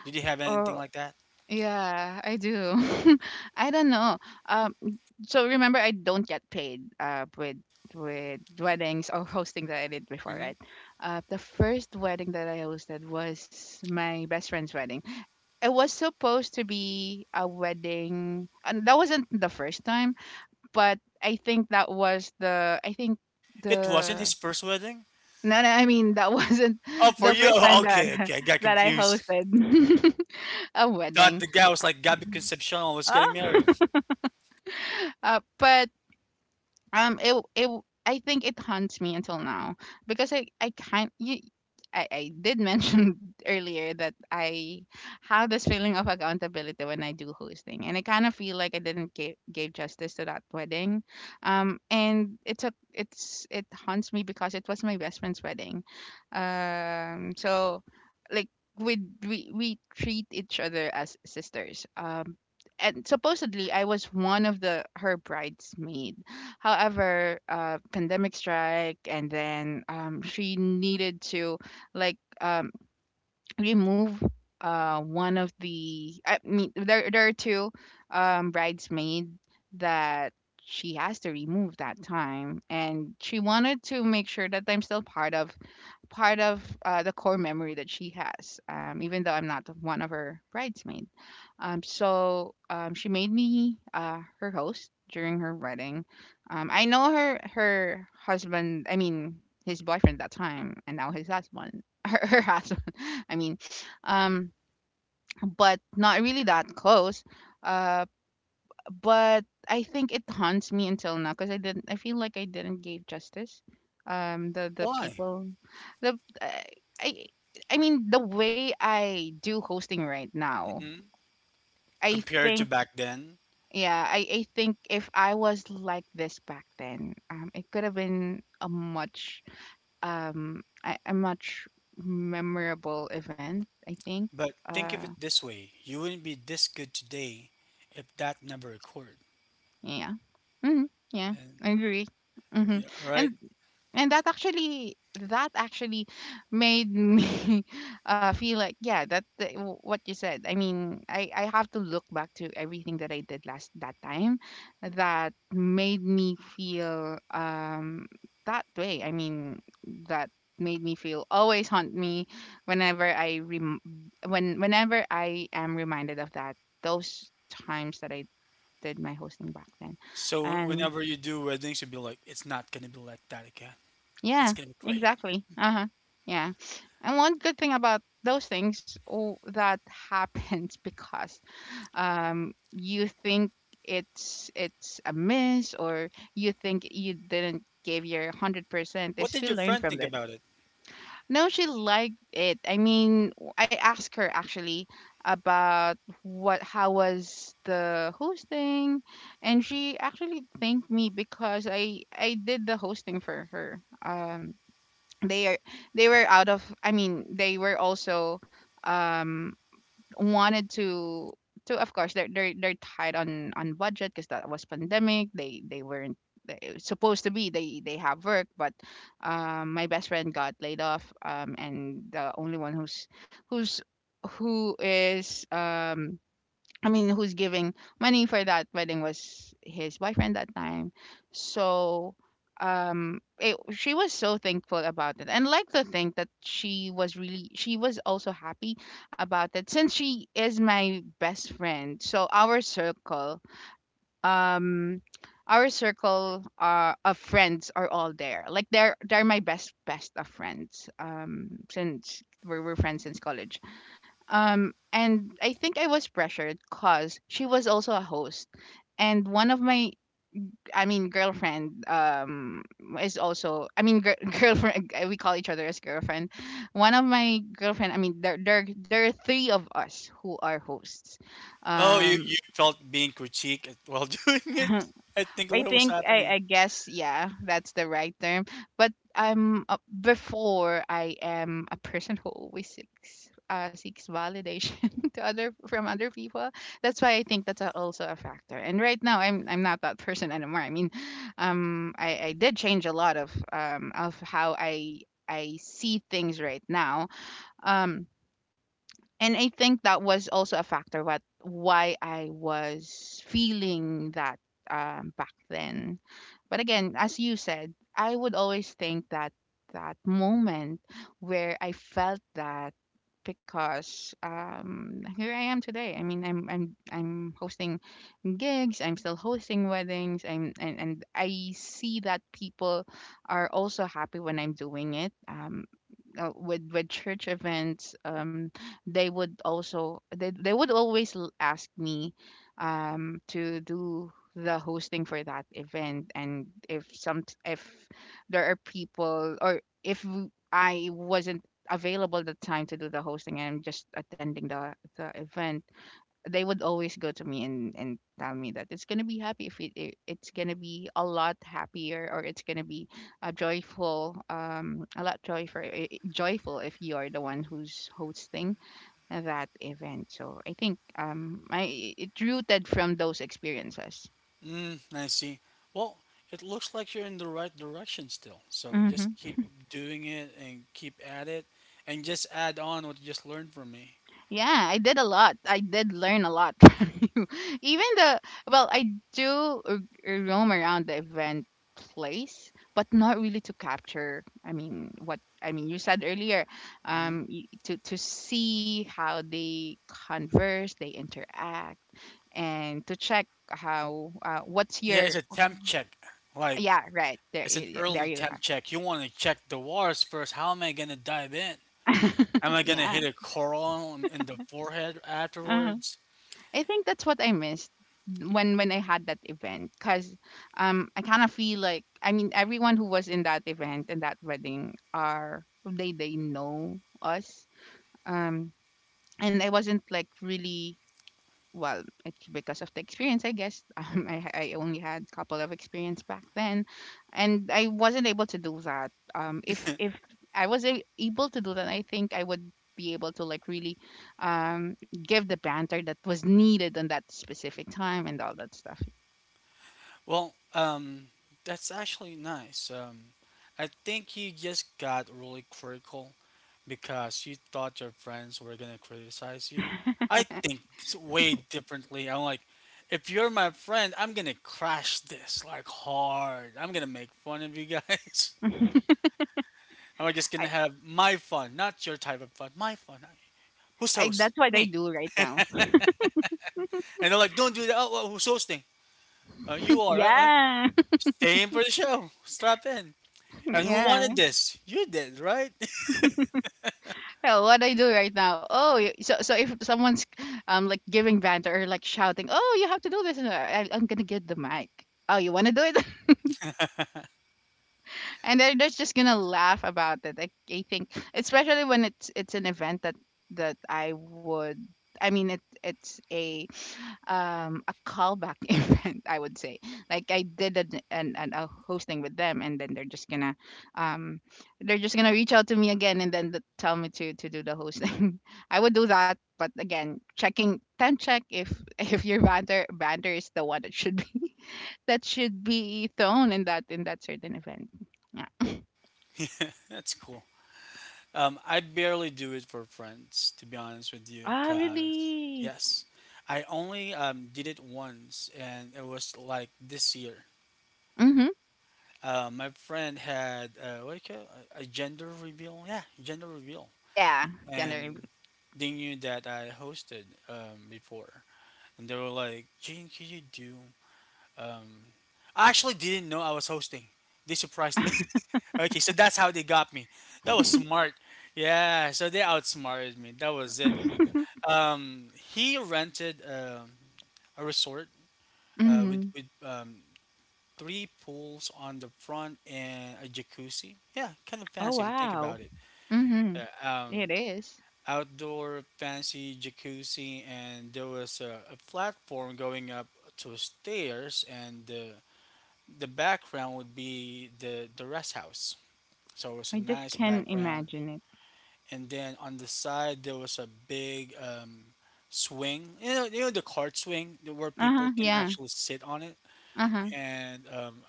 S1: Did you have
S2: Oh,
S1: anything like that?
S2: yeah. I do. I don't know. Um. So remember, I don't get paid. With weddings or hosting that I did before,
S1: Hmm.
S2: right? The first wedding that I hosted was my best friend's wedding. It was supposed to be a wedding, and that wasn't the first time, but I think that was the. I think
S1: It wasn't
S2: the
S1: his first wedding?
S2: no, no, I mean that wasn't
S1: Oh, for
S2: the
S1: you?
S2: first
S1: Oh,
S2: time that
S1: okay, okay. I got
S2: that I
S1: confused.
S2: hosted a
S1: That
S2: wedding.
S1: the guy was like Gabby Concepcion was
S2: Oh.
S1: getting married.
S2: But it it I think it haunts me until now because I can't you. I did mention earlier that I have this feeling of accountability when I do hosting, and I kind of feel like I didn't give, gave justice to that wedding, and it haunts me because it was my best friend's wedding, so like we we treat each other as sisters, and supposedly I was one of the her bridesmaid. However, pandemic strike, and then she needed to like remove one of the. I mean, there are two bridesmaid that she has to remove that time, and she wanted to make sure that I'm still part of the core memory that she has, even though I'm not one of her bridesmaid. She made me her host during her wedding. I know her her husband. I mean, his boyfriend at that time, and now his husband. Her, her husband. I mean, um, but not really that close. Uh, but I think it haunts me until now because I didn't. I feel like I didn't give justice. The
S1: Why?
S2: people, the I. I mean, the way I do hosting right now,
S1: Mhm.
S2: I
S1: Compared to
S2: think,
S1: back then.
S2: yeah, I think if I was like this back then, it could have been a much memorable event, I think.
S1: But think of
S2: Uh,
S1: it this way: you wouldn't be this good today if that never occurred.
S2: yeah. Hmm. Yeah,
S1: And
S2: I agree. Hmm.
S1: yeah, right.
S2: And that actually made me feel like, yeah, that the- what you said, I mean, I have to look back to everything that I did last that time that made me feel that way, I mean, that made me feel always haunt me whenever i rem- when whenever I am reminded of that those times that I did my hosting back then.
S1: So
S2: And
S1: whenever you do weddings, you'll be like, it's not gonna be like that again. It's
S2: yeah,
S1: gonna be great.
S2: exactly. Uh huh. Yeah. And one good thing about those things oh, that happens because you think it's a miss, or you think you didn't give your 100%
S1: What
S2: is
S1: did
S2: we
S1: your
S2: learn
S1: friend
S2: from
S1: think
S2: it.
S1: about it?
S2: No, she liked it. I mean, I asked her actually about what how was the hosting, and she actually thanked me because I did the hosting for her. They are they were out of, I mean, they were also um wanted to of course, they're tight on budget because that was pandemic, they weren't they- it was supposed to be they have work, but my best friend got laid off, and the only one who's who is, I mean, who's giving money for that wedding was his boyfriend that time. So, she was so thankful about it, and like to think that she was really, she was also happy about it since she is my best friend. So um, our circle of friends are all there. Like they're my best best of friends. Since we're friends since college. And I think I was pressured because she was also a host, and one of my, I mean, girlfriend, is also, I mean, girlfriend, we call each other as girlfriend. One of my girlfriend, I mean, there are three of us who are hosts.
S1: Oh, you
S2: Um
S1: you felt being critiqued while doing it. I think
S2: I
S1: what was
S2: think,
S1: happening.
S2: I guess, yeah, that's the right term. But, before, I am a person who always seeks validation to other from other people. That's why I think that's, also a factor. And right now I'm not that person anymore. I mean, I did change a lot of, of how I see things right now. Um, and I think that was also a factor, what, why I was feeling that, back then. But again, as you said, I would always think that that moment where I felt that, because, here I am today. I mean, I'm hosting gigs. I'm still hosting weddings. And I see that people are also happy when I'm doing it. With church events, they would also, they would always ask me to do the hosting for that event, and if some, if there are people, or if w- I wasn't available the time to do the hosting, and I'm just attending the event. They would always go to me and tell me that it's gonna be happy if it's gonna be a lot happier, or it's gonna be a joyful, a lot joyful, joyful if you are the one who's hosting that event. So I think, I it rooted from those experiences.
S1: Mm, I see. Well, it looks like you're in the right direction still. So just
S2: Hmm.
S1: keep doing it and keep at it and just add on what you just learned from me.
S2: Yeah, I did a lot. I did learn a lot from you. Even the, well, I do roam around the event place, but not really to capture. I mean, what I mean, you said earlier,
S1: Hmm.
S2: to see how they converse, they interact, and to check how, what's
S1: Yeah, it's
S2: your...
S1: a temp check. Like,
S2: Yeah, right there,
S1: it's an
S2: there
S1: early
S2: you are.
S1: temp check. You want to check the waters first. How am I going to dive in? Am I going to
S2: Yeah.
S1: hit a coral in the forehead
S2: Uh-huh.
S1: afterwards?
S2: I think that's what I missed when I had that event, because, I kind of feel like, I mean, everyone who was in that event and that wedding are, they know us, um and I wasn't, like, really... Well, it's because of the experience, I guess. I only had a couple of experience back then, and I wasn't able to do that. If I was able to do that, I think I would be able to, like, really, give the banter that was needed on that specific time and all that stuff.
S1: Well, that's actually nice. I think you just got really critical because you thought your friends were gonna criticize you. I think way differently. I'm like, if you're my friend, I'm gonna crash this like hard. I'm gonna make fun of you guys. I'm like, just gonna
S2: I,
S1: have my fun, not your type of fun. My fun. Who's
S2: I
S1: host?
S2: That's what I
S1: Me.
S2: do right now.
S1: And they're like, don't do that. Oh, well, who's hosting? You are right.
S2: Yeah.
S1: Stay in for the show. Strap in. And who
S2: Yeah.
S1: wanted this? You did, right?
S2: Oh, what I do right now? Oh, so if someone's, like, giving banter or like shouting, "Oh, you have to do this," and I'm gonna get the mic. Oh, you want to do it? And they're just gonna laugh about it. Like, I think, especially when it's an event that I would. I mean, it's a, a callback event, I would say, like I did an a hosting with them, and then they're just gonna, um they're just gonna reach out to me again, and then tell me to do the hosting. I would do that, but again, checking, time check, if if your banter is the one that should be that should be thrown in that, certain event. Yeah.
S1: Yeah, that's cool. I barely do it for friends, to be honest with you,
S2: Ah,
S1: cause
S2: really?
S1: yes, I only did it once, and it was like this year.
S2: Mm-hmm.
S1: My friend had what do you call it? A gender reveal, yeah, gender reveal,
S2: Yeah. Generally.
S1: and they knew that I hosted before, and they were like, "Gene, could you do?" Um, I actually didn't know I was hosting. They surprised me. Okay, so that's how they got me. That was smart. Yeah, so they outsmarted me. That was it. Um, he rented a resort with
S2: Mm-hmm.
S1: with um, three pools on the front and a jacuzzi. Yeah, kind of
S2: Oh,
S1: fancy if you think
S2: wow.
S1: about it.
S2: Mm-hmm.
S1: Uh, um,
S2: It is.
S1: outdoor fancy jacuzzi, and there was a platform going up to stairs, and the background would be the rest house. So it was a
S2: I just
S1: nice
S2: can
S1: background.
S2: imagine it.
S1: And then on the side there was a big swing. You know the cart swing where people
S2: Uh-huh,
S1: can
S2: yeah.
S1: actually sit on it,
S2: Uh-huh.
S1: and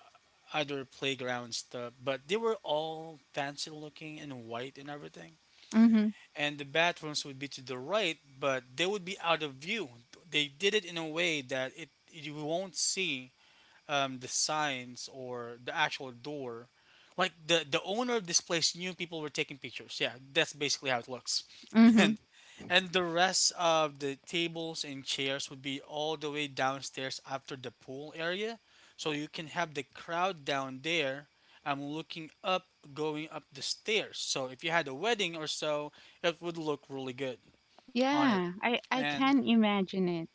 S1: other playground stuff. But they were all fancy looking and white and everything.
S2: Mhm.
S1: And the bathrooms would be to the right, but they would be out of view. They did it in a way that it you won't see the signs or the actual door. Like the owner of this place knew people were taking pictures. Yeah, that's basically how it looks.
S2: Mhm.
S1: And and the rest of the tables and chairs would be all the way downstairs after the pool area. So you can have the crowd down there. I'm looking up going up the stairs. So if you had a wedding or so, it would look really good on it.
S2: Yeah, I
S1: And,
S2: can imagine it.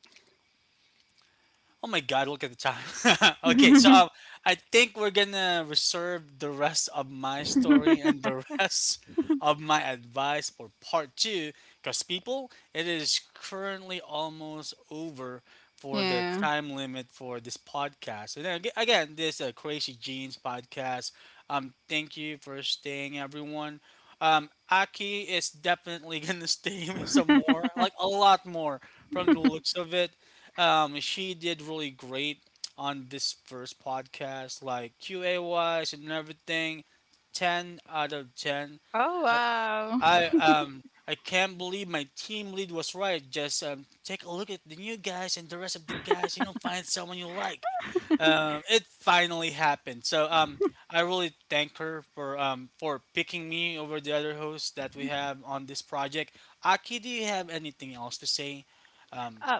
S1: oh my God, look at the time. Okay, so I think we're gonna reserve the rest of my story and the rest of my advice for part two because people, it is currently almost over for the
S2: Yeah.
S1: time limit for this podcast. And again, this Crazy Jeans podcast. Thank you for staying, everyone. Aki is definitely gonna stay with some more, like a lot more, from the looks of it. She did really great on this first podcast, like QA wise and everything. 10 out of 10.
S2: Oh, wow.
S1: I um I can't believe my team lead was right. Just take a look at the new guys and the rest of the guys, and you'll find someone you like. It finally happened. So I really thank her for picking me over the other hosts that we have on this project. Aki, do you have anything else to say? Um,
S2: Uh,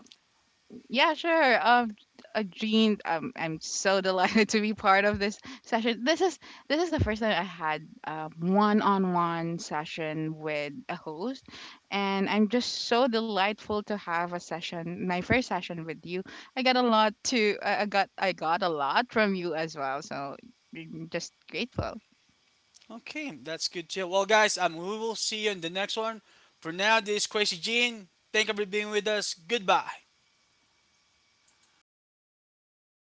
S2: Yeah, sure. Jean, I'm so delighted to be part of this session. This is the first time I had a one-on-one session with a host, and I'm just so delightful to have a session, my first session with you. I got a lot from you as well. So, I'm just grateful.
S1: okay, that's good too. Well, guys, we will see you in the next one. For now, this is Crazy Gene. Thank you for being with us. Goodbye.